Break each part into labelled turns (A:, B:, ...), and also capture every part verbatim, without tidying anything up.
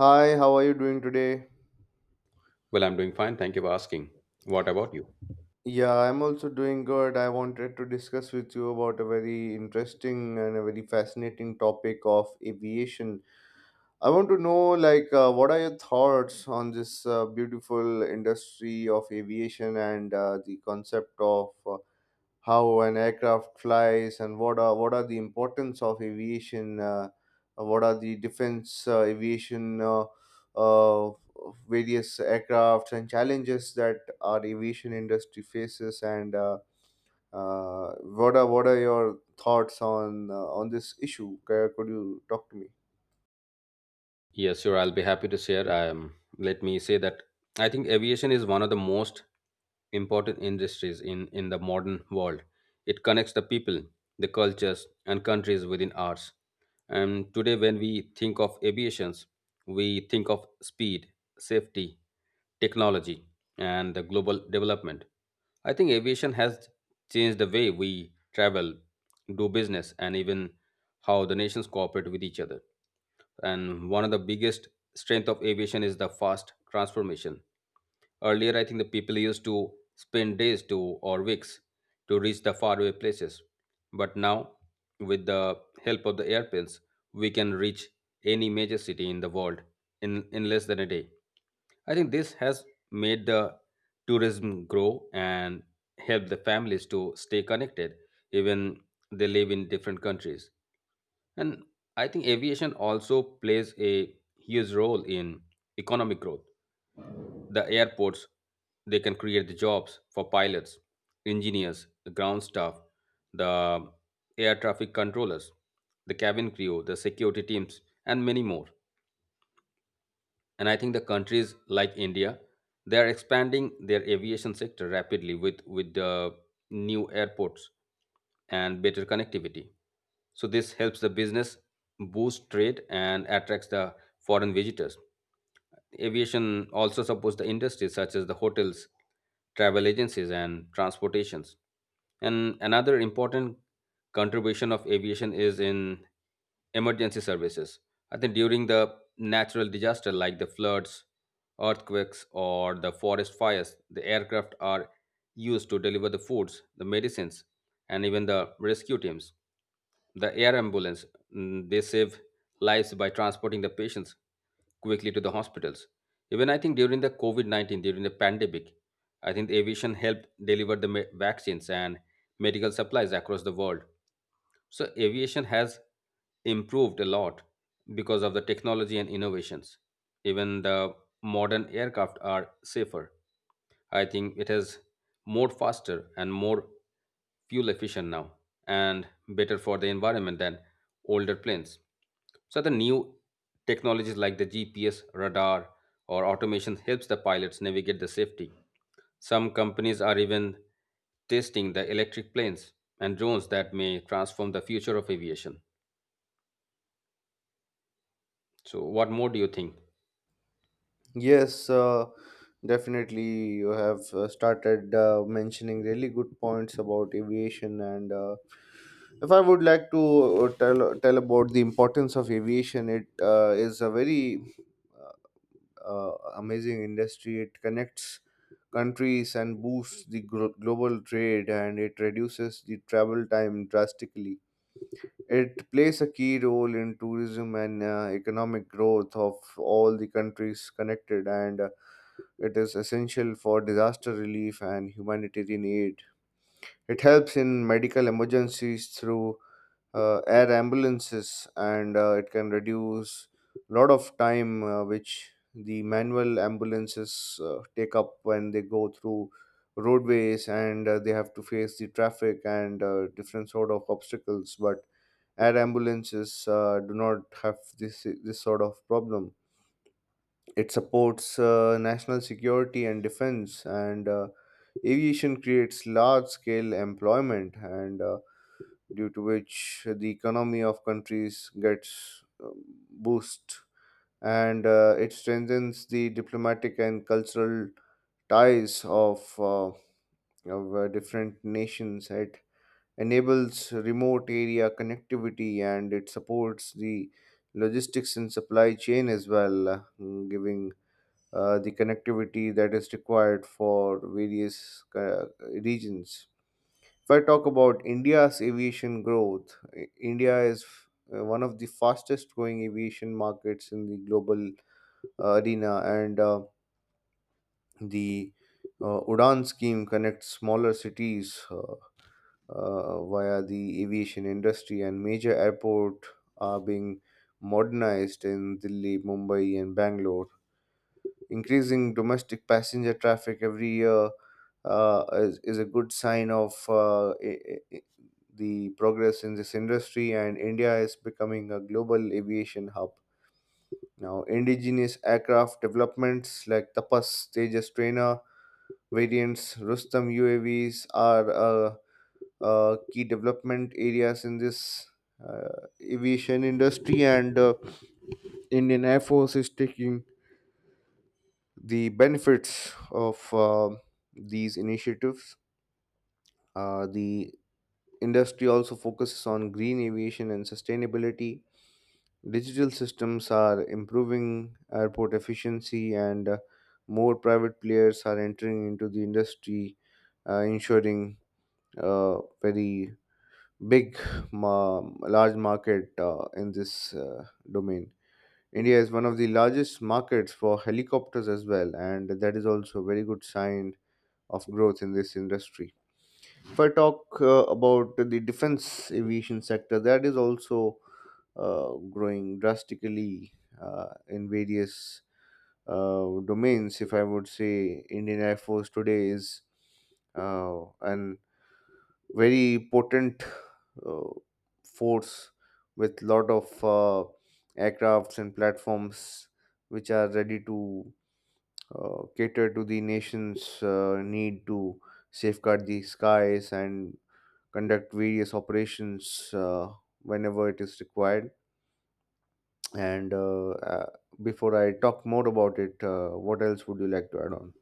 A: Hi, how are you doing today?
B: Well, I'm doing fine. Thank you for asking. What about you?
A: Yeah, I'm also doing good. I wanted to discuss with you about a very interesting and a very fascinating topic of aviation. I want to know, like, uh, what are your thoughts on this uh, beautiful industry of aviation, and uh, the concept of uh, how an aircraft flies, and what are what are the importance of aviation, uh, what are the defense uh, aviation uh, uh, various aircraft and challenges that our aviation industry faces, and uh, uh, what are what are your thoughts on uh, on this issue? Could could you talk to me?
B: Yes, sure. I'll be happy to share. Um, let me say that I think aviation is one of the most important industries in, in the modern world. It connects the people, the cultures, and countries within ours. And today, when we think of aviations, we think of speed, safety, technology, and the global development. I think aviation has changed the way we travel, do business, and even how the nations cooperate with each other. And one of the biggest strength of aviation is the fast transformation. Earlier, I think the people used to spend days to or weeks to reach the faraway places. But now, with the help of the airplanes, we can reach any major city in the world in, in less than a day. I think this has made the tourism grow and help the families to stay connected, even they live in different countries. And I think aviation also plays a huge role in economic growth. The airports, they can create the jobs for pilots, engineers, the ground staff, the air traffic controllers, the cabin crew, the security teams, and many more. And I think the countries like India, they are expanding their aviation sector rapidly with with uh, new airports and better connectivity. So this helps the business boost trade and attracts the foreign visitors. Aviation also supports the industries such as the hotels, travel agencies, and transportations. And another important contribution of aviation is in emergency services. I think during the natural disaster like the floods, earthquakes, or the forest fires, the aircraft are used to deliver the foods, the medicines, and even the rescue teams. The air ambulance, mm, they save lives by transporting the patients quickly to the hospitals. Even I think during the COVID nineteen, during the pandemic, I think the aviation helped deliver the me- vaccines and medical supplies across the world. So aviation has improved a lot because of the technology and innovations. Even the modern aircraft are safer. I think it is more faster and more fuel efficient now and better for the environment than older planes. So the new technologies like the G P S, radar, or automation helps the pilots navigate the safety, some companies are even testing the electric planes and drones that may transform the future of aviation. So, what more do you think?
A: Yes, uh, definitely. You have uh, started uh, mentioning really good points about aviation, and uh, if I would like to uh, tell tell about the importance of aviation, it uh, is a very, uh, uh, amazing industry. It connects countries and boosts the glo- global trade, and it reduces the travel time drastically. It plays a key role in tourism and uh, economic growth of all the countries connected, and uh, it is essential for disaster relief and humanitarian aid. It helps in medical emergencies through uh, air ambulances, and uh, it can reduce a lot of time, uh, which the manual ambulances uh, take up when they go through roadways, and uh, they have to face the traffic and uh, different sort of obstacles, but air ambulances uh, do not have this this sort of problem. It supports uh, national security and defense, and uh, aviation creates large scale employment, and uh, due to which the economy of countries gets um, boost, and uh, it strengthens the diplomatic and cultural ties of, uh, of uh, different nations. It enables remote area connectivity, and it supports the logistics and supply chain as well, uh, giving uh, the connectivity that is required for various uh, regions. If I talk about India's aviation growth, I- India is uh, one of the fastest growing aviation markets in the global uh, arena, and uh, the uh, Udan scheme connects smaller cities, uh, uh, via the aviation industry, and major airports are being modernized in Delhi, Mumbai, and Bangalore. Increasing domestic passenger traffic every year uh, is, is a good sign of uh, i- i- i- the progress in this industry, and India is becoming a global aviation hub. Now, indigenous aircraft developments like Tapas, Tejas trainer variants, Rustam U A Vs are, uh, uh, key development areas in this uh, aviation industry, and uh, Indian Air Force is taking the benefits of uh, these initiatives. Uh, the industry also focuses on green aviation and sustainability. Digital systems are improving airport efficiency, and uh, more private players are entering into the industry, uh, ensuring a very big, ma- large market uh, in this uh, domain. India is one of the largest markets for helicopters as well, and that is also a very good sign of growth in this industry. If I talk uh, about the defense aviation sector, that is also uh, growing drastically uh, in various uh, domains. If I would say, Indian Air Force today is uh, an very potent uh, force with lot of uh, aircrafts and platforms which are ready to uh, cater to the nation's uh, need to safeguard the skies and conduct various operations, uh, whenever it is required. And uh, uh, Before I talk more about it, uh, what else would you like to add on?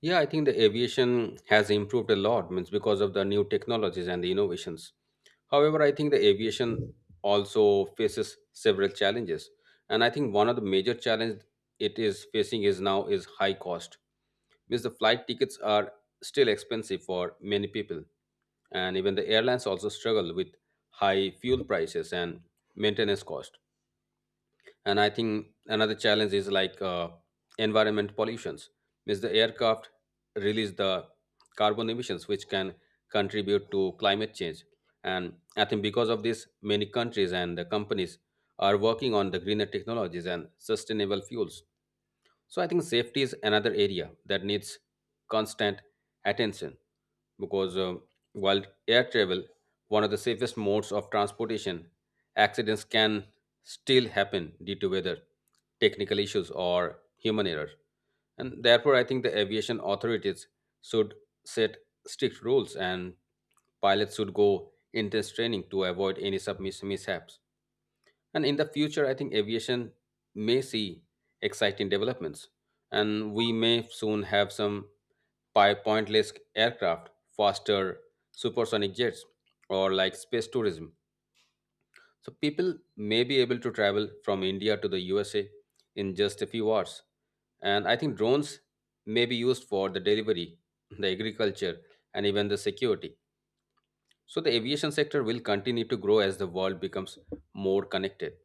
B: Yeah, I think the aviation has improved a lot, means because of the new technologies and the innovations. However, I think the aviation also faces several challenges, and I think one of the major challenge it is facing is now is high cost. Means the flight tickets are still expensive for many people, and even the airlines also struggle with high fuel prices and maintenance cost. And I think another challenge is like uh, environment pollutions, means the aircraft release the carbon emissions which can contribute to climate change. And I think because of this many countries and the companies are working on the greener technologies and sustainable fuels. So I think safety is another area that needs constant attention, because uh, while air travel, one of the safest modes of transportation, accidents can still happen due to weather, technical issues, or human error. And therefore, I think the aviation authorities should set strict rules and pilots should go intense training to avoid any sub mishaps. And in the future, I think aviation may see exciting developments, and we may soon have some pi- pointless aircraft, faster supersonic jets, or like space tourism. So people may be able to travel from India to the U S A in just a few hours. And I think drones may be used for the delivery, the agriculture, and even the security. So the aviation sector will continue to grow as the world becomes more connected.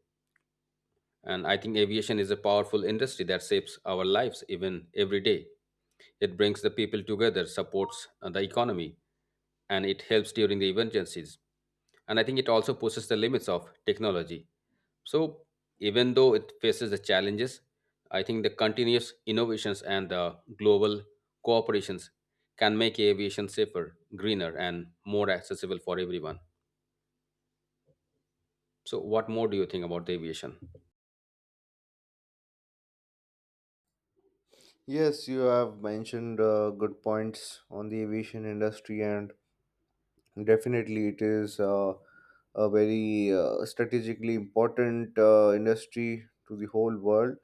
B: And I think aviation is a powerful industry that shapes our lives even every day. It brings the people together, supports uh, the economy, and it helps during the emergencies. And I think it also pushes the limits of technology. So, even though it faces the challenges, I think the continuous innovations and the global cooperations can make aviation safer, greener, and more accessible for everyone. So, what more do you think about the aviation?
A: Yes, you have mentioned uh, good points on the aviation industry, and definitely it is uh, a very uh, strategically important uh, industry to the whole world.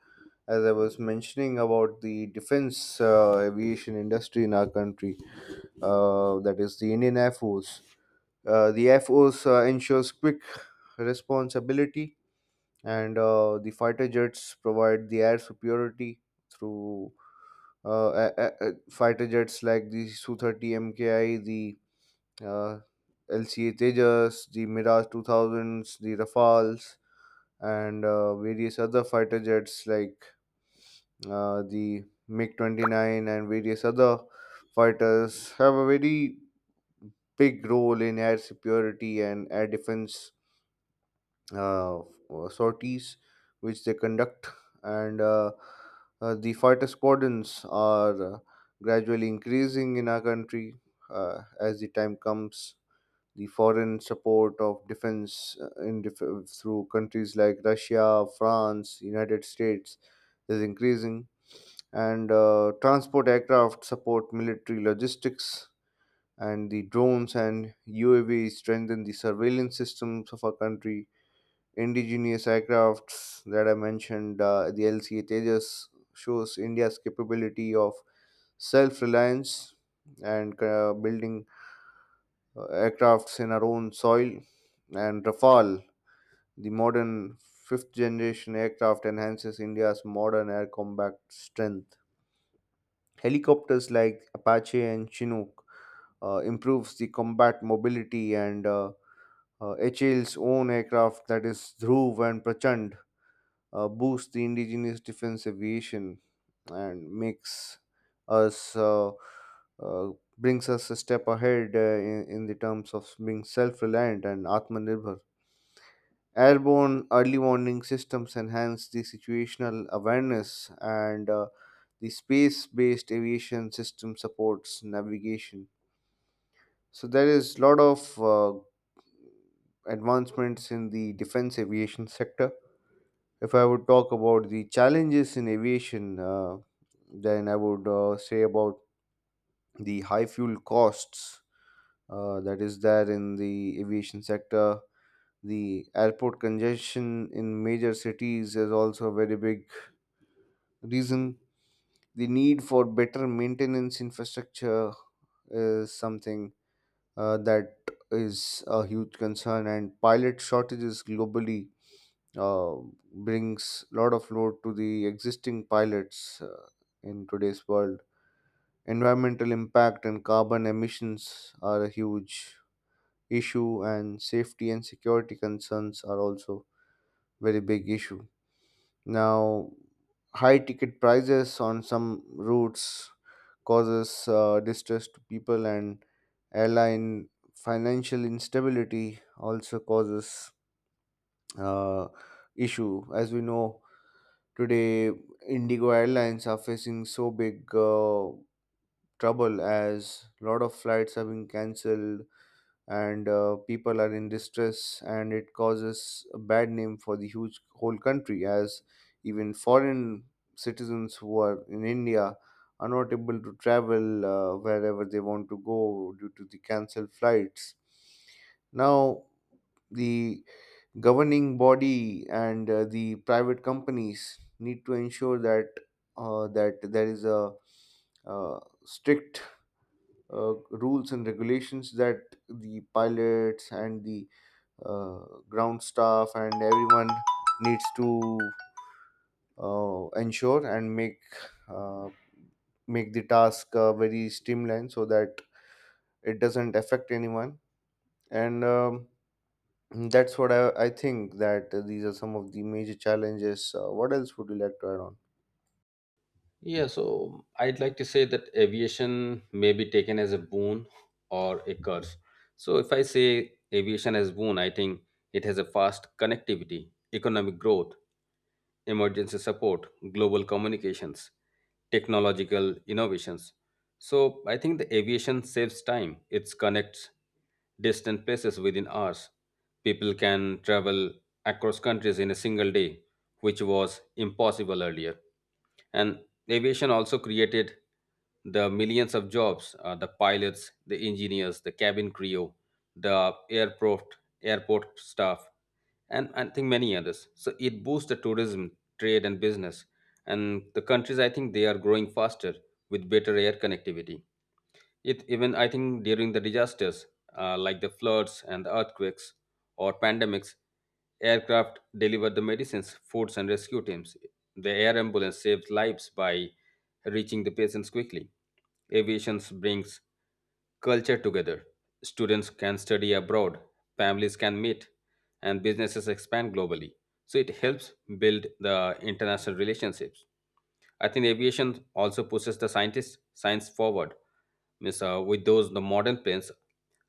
A: As I was mentioning about the defense uh, aviation industry in our country, uh, that is the Indian Air Force. Uh, the Air Force uh, ensures quick responsibility, and uh, the fighter jets provide the air superiority through uh, a- a- a- fighter jets like the Su thirty M K I, the uh, L C A Tejas, the Mirage two thousands, the Rafales, and uh, various other fighter jets like uh, the MiG twenty-nine, and various other fighters have a very big role in air security and air defense uh, sorties which they conduct, and, uh, uh, the fighter squadrons are uh, gradually increasing in our country uh, as the time comes. The foreign support of defense, uh, in dif- through countries like Russia, France, United States is increasing, and uh, transport aircraft support military logistics, and the drones and U A V strengthen the surveillance systems of our country. Indigenous aircrafts that I mentioned, uh, the L C A Tejas, shows India's capability of self reliance, and uh, building uh, aircrafts in our own soil. And Rafale, the modern fifth generation aircraft, enhances India's modern air combat strength. Helicopters like Apache and Chinook uh, improves the combat mobility, and uh, uh, hal's own aircraft, that is Dhruv and Prachand, uh, boost the indigenous defense aviation, and makes us uh, uh, brings us a step ahead, uh, in, in the terms of being self-reliant and atmanirbhar. Airborne early warning systems enhance the situational awareness, and uh, the space-based aviation system supports navigation. So there is a lot of uh, advancements in the defense aviation sector. If I would talk about the challenges in aviation, uh, then I would uh, say about the high fuel costs uh, that is there in the aviation sector. The airport congestion in major cities is also a very big reason. The need for better maintenance infrastructure is something, uh, that is a huge concern, and pilot shortages globally uh, brings lot of load to the existing pilots uh, in today's world. Environmental impact and carbon emissions are a huge issue, and safety and security concerns are also very big issue. Now, high ticket prices on some routes causes uh, distress to people, and airline financial instability also causes uh, issue. As we know today, Indigo Airlines are facing so big uh, trouble, as a lot of flights have been cancelled and uh, people are in distress, and it causes a bad name for the huge whole country, as even foreign citizens who are in India are not able to travel uh, wherever they want to go due to the cancelled flights. Now, the governing body and uh, the private companies need to ensure that, uh, that there is a uh, strict uh, rules and regulations, that the pilots and the uh, ground staff and everyone needs to uh, ensure and make uh, make the task uh, very streamlined so that it doesn't affect anyone, and um, Mm, that's what I, I, think that, uh, these are some of the major challenges. Uh, what else would you like to add on?
B: Yeah, so I'd like to say that aviation may be taken as a boon or a curse. So if I say aviation as boon, I think it has a fast connectivity, economic growth, emergency support, global communications, technological innovations. So I think the aviation saves time. It connects distant places within hours. People can travel across countries in a single day, which was impossible earlier. And aviation also created the millions of jobs, uh, the pilots, the engineers, the cabin crew, the airport, airport staff, and I think many others. So it boosts the tourism, trade, and business. And the countries, I think, they are growing faster with better air connectivity. It even, I think, during the disasters uh, like the floods and the earthquakes or pandemics, aircraft delivered the medicines, foods, and rescue teams. The air ambulance saved lives by reaching the patients quickly. Aviation brings culture together. Students can study abroad, families can meet, and businesses expand globally. So it helps build the international relationships. I think aviation also pushes the scientists science forward. Means, uh, with those the modern planes,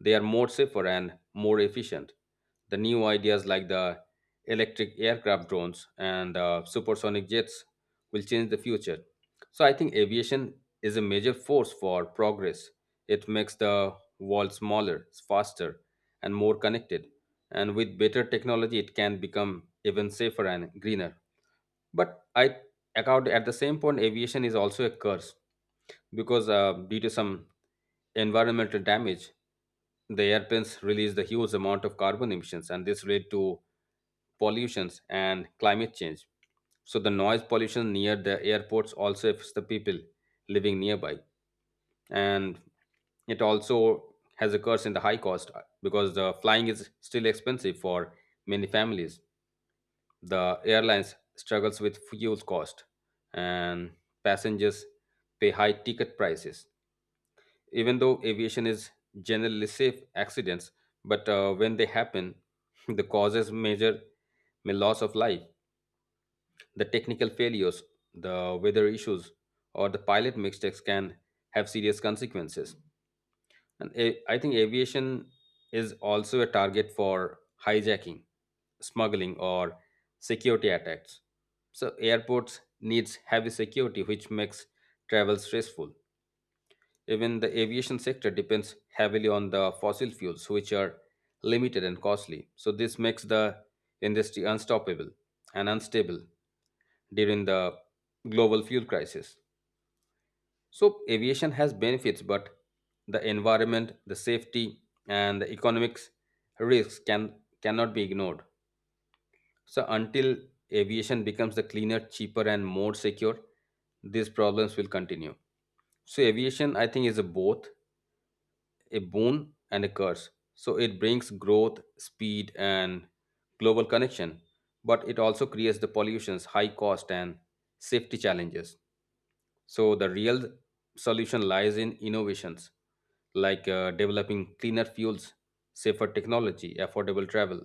B: they are more safer and more efficient. The new ideas like the electric aircraft drones and uh, supersonic jets will change the future. So I think aviation is a major force for progress. It makes the world smaller, faster, and more connected. And with better technology, it can become even safer and greener. But I account at the same point, aviation is also a curse because uh, due to some environmental damage, the airplanes release the huge amount of carbon emissions, and this led to pollutions and climate change. So the noise pollution near the airports also affects the people living nearby, and it also has a curse in the high cost, uh, because the flying is still expensive for many families. The airlines struggles with fuel cost, and passengers pay high ticket prices. Even though aviation is generally safe accidents, but uh, when they happen the causes major may loss of life, the technical failures, the weather issues, or the pilot mistakes can have serious consequences. And a- I think aviation is also a target for hijacking, smuggling, or security attacks. So airports needs heavy security, which makes travel stressful. Even the aviation sector depends heavily on the fossil fuels, which are limited and costly. So this makes the industry unstoppable and unstable during the global fuel crisis. So, aviation has benefits, but the environment, the safety, and the economics risks can cannot be ignored. So, until aviation becomes the cleaner, cheaper, and more secure, these problems will continue. So, aviation, I think, is a both a boon and a curse. So, it brings growth, speed, and global connection, but it also creates the pollutions, high cost, and safety challenges. So the real solution lies in innovations like uh, developing cleaner fuels, safer technology, affordable travel.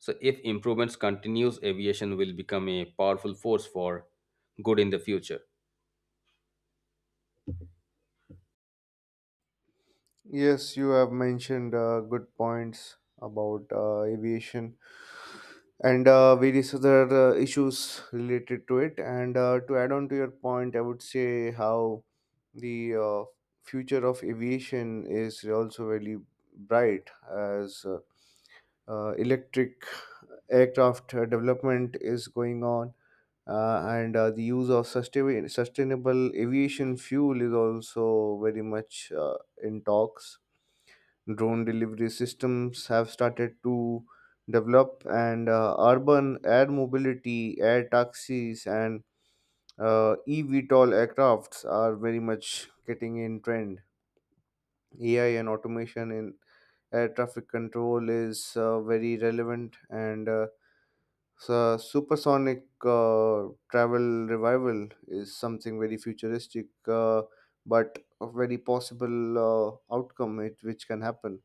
B: So if improvements continues, aviation will become a powerful force for good in the future.
A: Yes, you have mentioned uh, good points about uh, aviation, and uh, various other uh, issues related to it. And uh, to add on to your point, I would say how the uh, future of aviation is also very bright, as uh, uh, electric aircraft uh, development is going on, uh, and uh, the use of sustain- sustainable aviation fuel is also very much uh, in talks. Drone delivery systems have started to develop, and uh, urban air mobility, air taxis, and uh, eVTOL aircrafts are very much getting in trend. A I and automation in air traffic control is uh, very relevant, and uh, so, supersonic uh, travel revival is something very futuristic, uh, but a very possible uh, outcome, it, which can happen.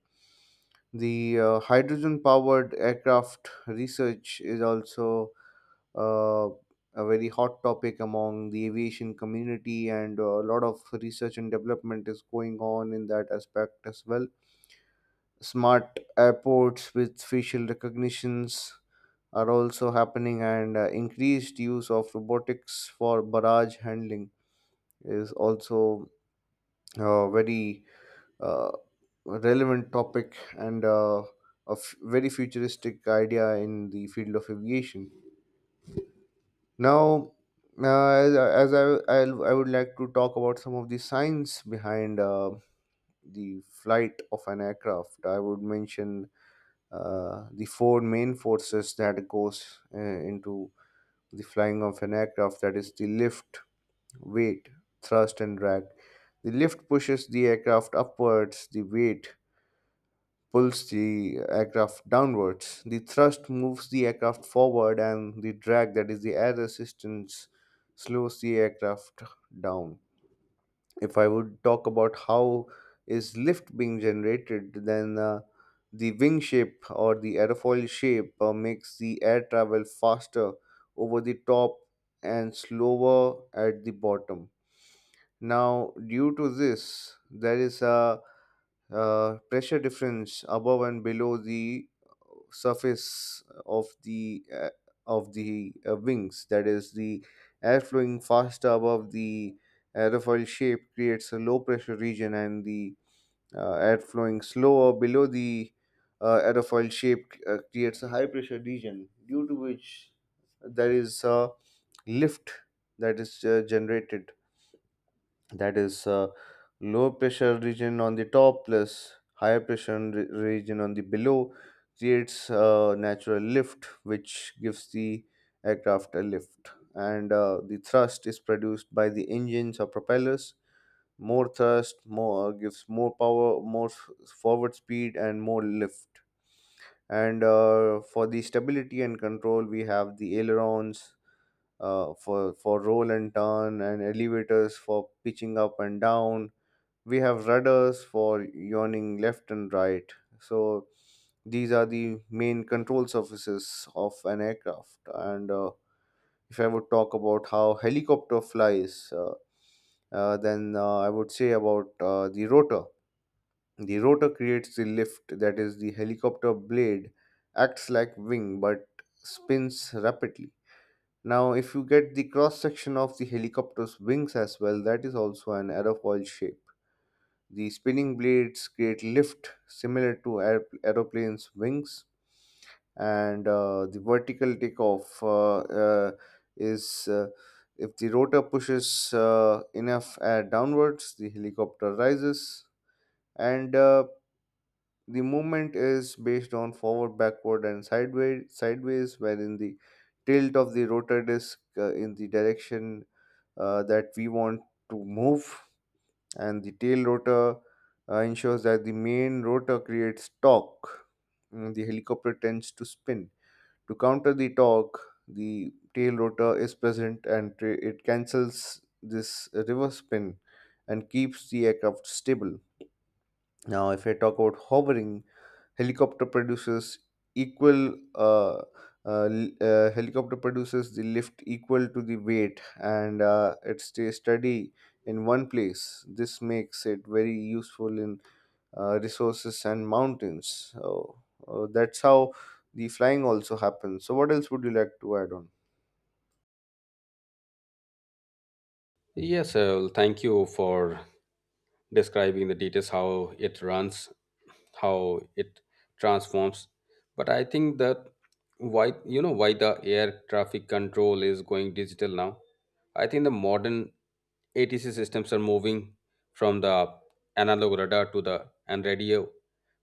A: The uh, hydrogen powered aircraft research is also uh, a very hot topic among the aviation community, and uh, a lot of research and development is going on in that aspect as well. Smart airports with facial recognitions are also happening, and uh, increased use of robotics for barrage handling is also a very uh, relevant topic, and uh, a f- very futuristic idea in the field of aviation. Now, uh, as, as I, I'll, I would like to talk about some of the science behind uh, the flight of an aircraft. I would mention uh, the four main forces that goes uh, into the flying of an aircraft, that is the lift, weight, thrust, and drag. The lift pushes the aircraft upwards, the weight pulls the aircraft downwards, the thrust moves the aircraft forward, and the drag, that is the air resistance, slows the aircraft down. If I would talk about how is lift being generated, then, uh, the wing shape or the aerofoil shape uh, makes the air travel faster over the top and slower at the bottom. Now, due to this, there is a uh, pressure difference above and below the surface of the uh, of the uh, wings. That is, the air flowing faster above the aerofoil shape creates a low pressure region, and the uh, air flowing slower below the uh, aerofoil shape uh, creates a high pressure region, due to which there is a lift that is uh, generated. That is uh, low pressure region on the top plus higher pressure re- region on the below creates a natural lift which gives the aircraft a lift. And uh, the thrust is produced by the engines or propellers. More thrust more gives more power more s- forward speed and more lift. And uh, for the stability and control we have the ailerons uh, for for roll and turn, and elevators for pitching up and down. We have rudders for yawning left and right. So these are the main control surfaces of an aircraft. And uh, if I would talk about how helicopter flies, uh, uh, then uh, I would say about uh, the rotor. The rotor creates the lift, that is, the helicopter blade acts like wing but spins rapidly. Now, if you get the cross section of the helicopter's wings as well, that is also an aerofoil shape. The spinning blades create lift similar to aer- aeroplanes' wings, and uh, the vertical takeoff uh, uh, is uh, if the rotor pushes uh, enough air downwards, the helicopter rises. And uh, the movement is based on forward, backward, and sideways. Sideways, wherein the tilt of the rotor disc uh, in the direction uh, that we want to move, and the tail rotor uh, ensures that the main rotor creates torque. Mm, the helicopter tends to spin. To counter the torque, the tail rotor is present and tra- it cancels this reverse spin and keeps the aircraft stable. Now, if I talk about hovering, helicopter produces equal uh, uh, l- uh, helicopter produces the lift equal to the weight, and uh, it stays steady in one place. This makes it very useful in uh, resources and mountains. So uh, that's how the flying also happens. So what else would you like to add on?
B: Yes, uh, thank you for describing the details how it runs, how it transforms. But I think that, why you know why the air traffic control is going digital now. I think the modern ATC systems are moving from the analog radar to the and radio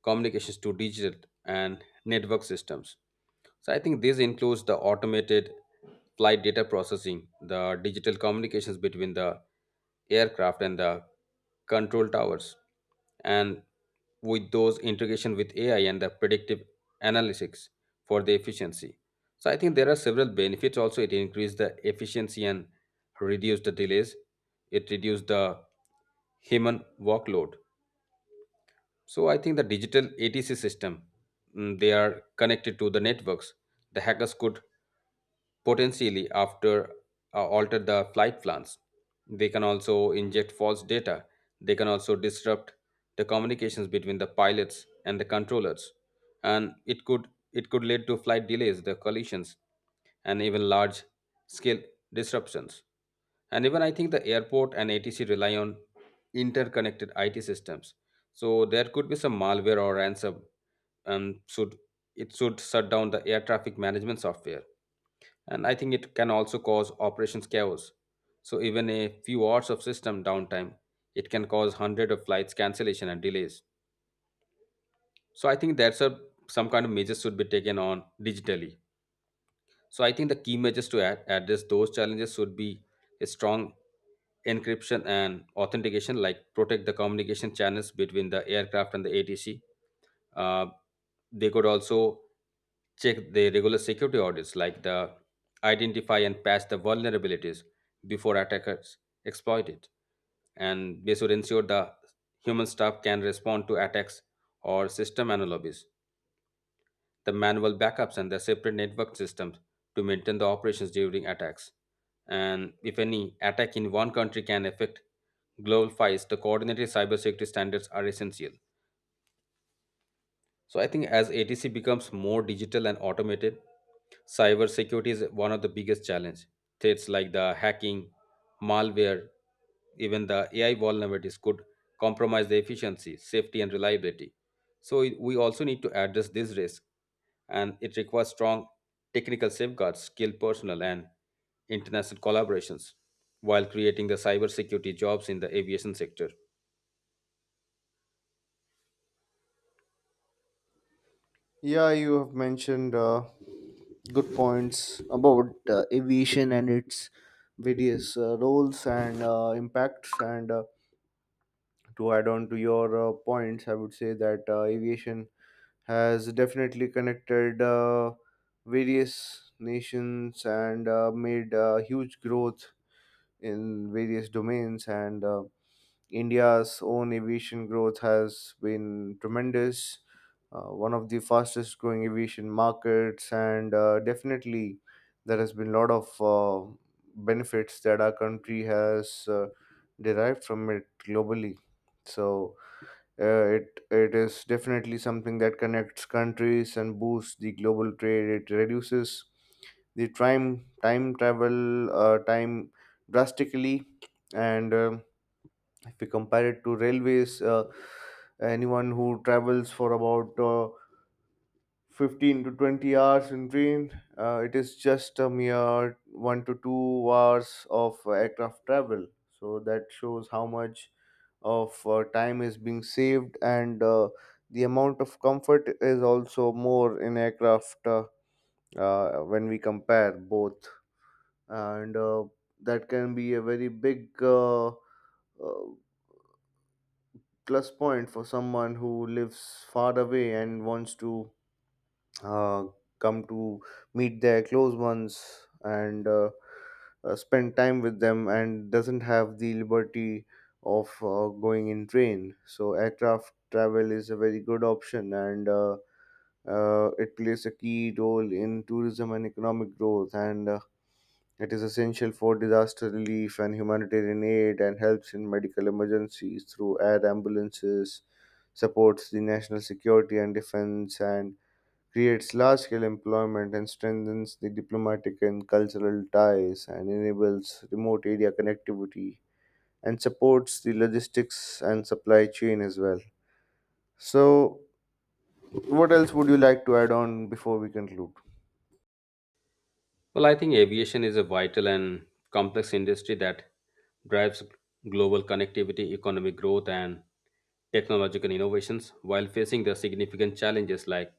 B: communications to digital and network systems. So I think this includes the automated flight data processing, the digital communications between the aircraft and the control towers, and with those integration with A I and the predictive analytics for the efficiency. So I think there are several benefits also. It increased the efficiency and reduced the delays. It reduced the human workload. So I think the digital A T C system, mm, they are connected to the networks. The hackers could potentially after uh, alter the flight plans. They can also inject false data. They can also disrupt the communications between the pilots and the controllers, and it could it could lead to flight delays, the collisions, and even large scale disruptions. And even I think the airport and A T C rely on interconnected I T systems. So there could be some malware or ransom, and should it should shut down the air traffic management software. And I think it can also cause operations chaos. So even a few hours of system downtime, it can cause hundred of flights cancellation and delays. So I think that's a, some kind of measures should be taken on digitally. So I think the key measures to ad- address those challenges should be a strong encryption and authentication, like protect the communication channels between the aircraft and the ATC. They could also check the regular security audits, like the identify and patch the vulnerabilities before attackers exploit it. And they should ensure the human staff can respond to attacks or system anomalies, the manual backups and the separate network systems to maintain the operations during attacks. And if any attack in one country can affect global fights, the coordinated cybersecurity standards are essential. So I think as A T C becomes more digital and automated, cybersecurity is one of the biggest challenge. Threats like the hacking, malware, even the A I vulnerabilities could compromise the efficiency, safety, and reliability. So it- we also need to address this risk, and it requires strong technical safeguards, skilled personnel, and international collaborations while creating the cybersecurity jobs in the aviation sector.
A: Yeah, you have mentioned uh, good points about uh, aviation and its various uh, roles and uh, impacts, and uh, to add on to your uh, points, I would say that uh, aviation has definitely connected uh, various nations and uh, made uh, huge growth in various domains. And uh, India's own aviation growth has been tremendous, uh, one of the fastest growing aviation markets, and uh, definitely there has been a lot of uh, benefits that our country has uh, derived from it globally. So, uh, it it is definitely something that connects countries and boosts the global trade. It reduces the time time travel uh, time drastically. And um if we compare it to railways, uh, anyone who travels for about uh, fifteen to twenty hours in train, uh, it is just a mere one to two hours of aircraft travel. So that shows how much of uh, time is being saved, and uh, the amount of comfort is also more in aircraft uh, uh, when we compare both. And uh, that can be a very big uh, uh, plus point for someone who lives far away and wants to uh, come to meet their close ones and uh, uh, spend time with them and doesn't have the liberty of uh, going in train. So aircraft travel is a very good option, and uh, uh, it plays a key role in tourism and economic growth, and uh, it is essential for disaster relief and humanitarian aid and helps in medical emergencies through air ambulances, supports the national security and defense and creates large scale employment and strengthens the diplomatic and cultural ties and enables remote area connectivity and supports the logistics and supply chain as well. So, what else would you like to add on before we conclude?
B: Well, I think aviation is a vital and complex industry that drives global connectivity, economic growth, and technological innovations while facing the significant challenges like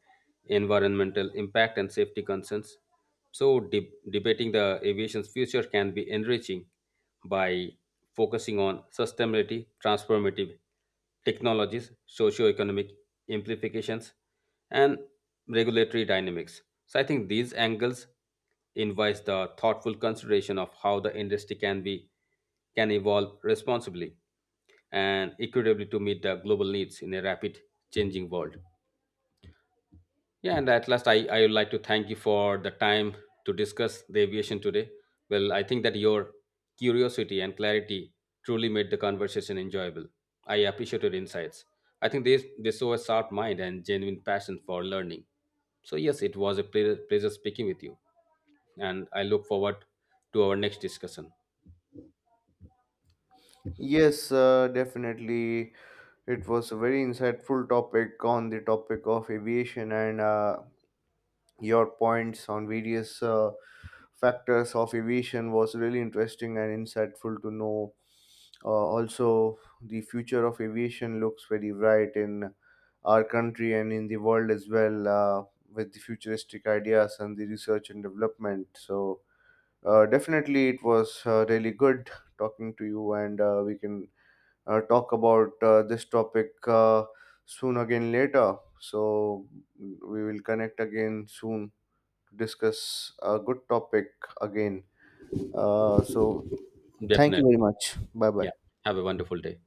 B: environmental impact and safety concerns. So, de- debating the aviation's future can be enriching by focusing on sustainability, transformative technologies, socio-economic implications, and regulatory dynamics. So I think these angles invites the thoughtful consideration of how the industry can be can evolve responsibly and equitably to meet the global needs in a rapid changing world. Yeah, and at last, I, I would like to thank you for the time to discuss the aviation today. Well, I think that your curiosity and clarity truly made the conversation enjoyable. I appreciate your insights. I think they, they show a sharp mind and genuine passion for learning. So, yes, it was a pleasure, pleasure speaking with you. And I look forward to our next discussion.
A: Yes, uh, definitely. It was a very insightful topic on the topic of aviation, and uh, your points on various uh, factors of aviation was really interesting and insightful to know. Uh, also, the future of aviation looks very bright in our country and in the world as well, uh, with the futuristic ideas and the research and development. So, uh, definitely, it was uh, really good talking to you, and uh, we can uh, talk about uh, this topic uh, soon again later. So, we will connect again soon to discuss a good topic again. Uh, so, thank you
B: Definitely.
A: very much. Bye
B: Yeah.
A: bye.
B: Have a wonderful day.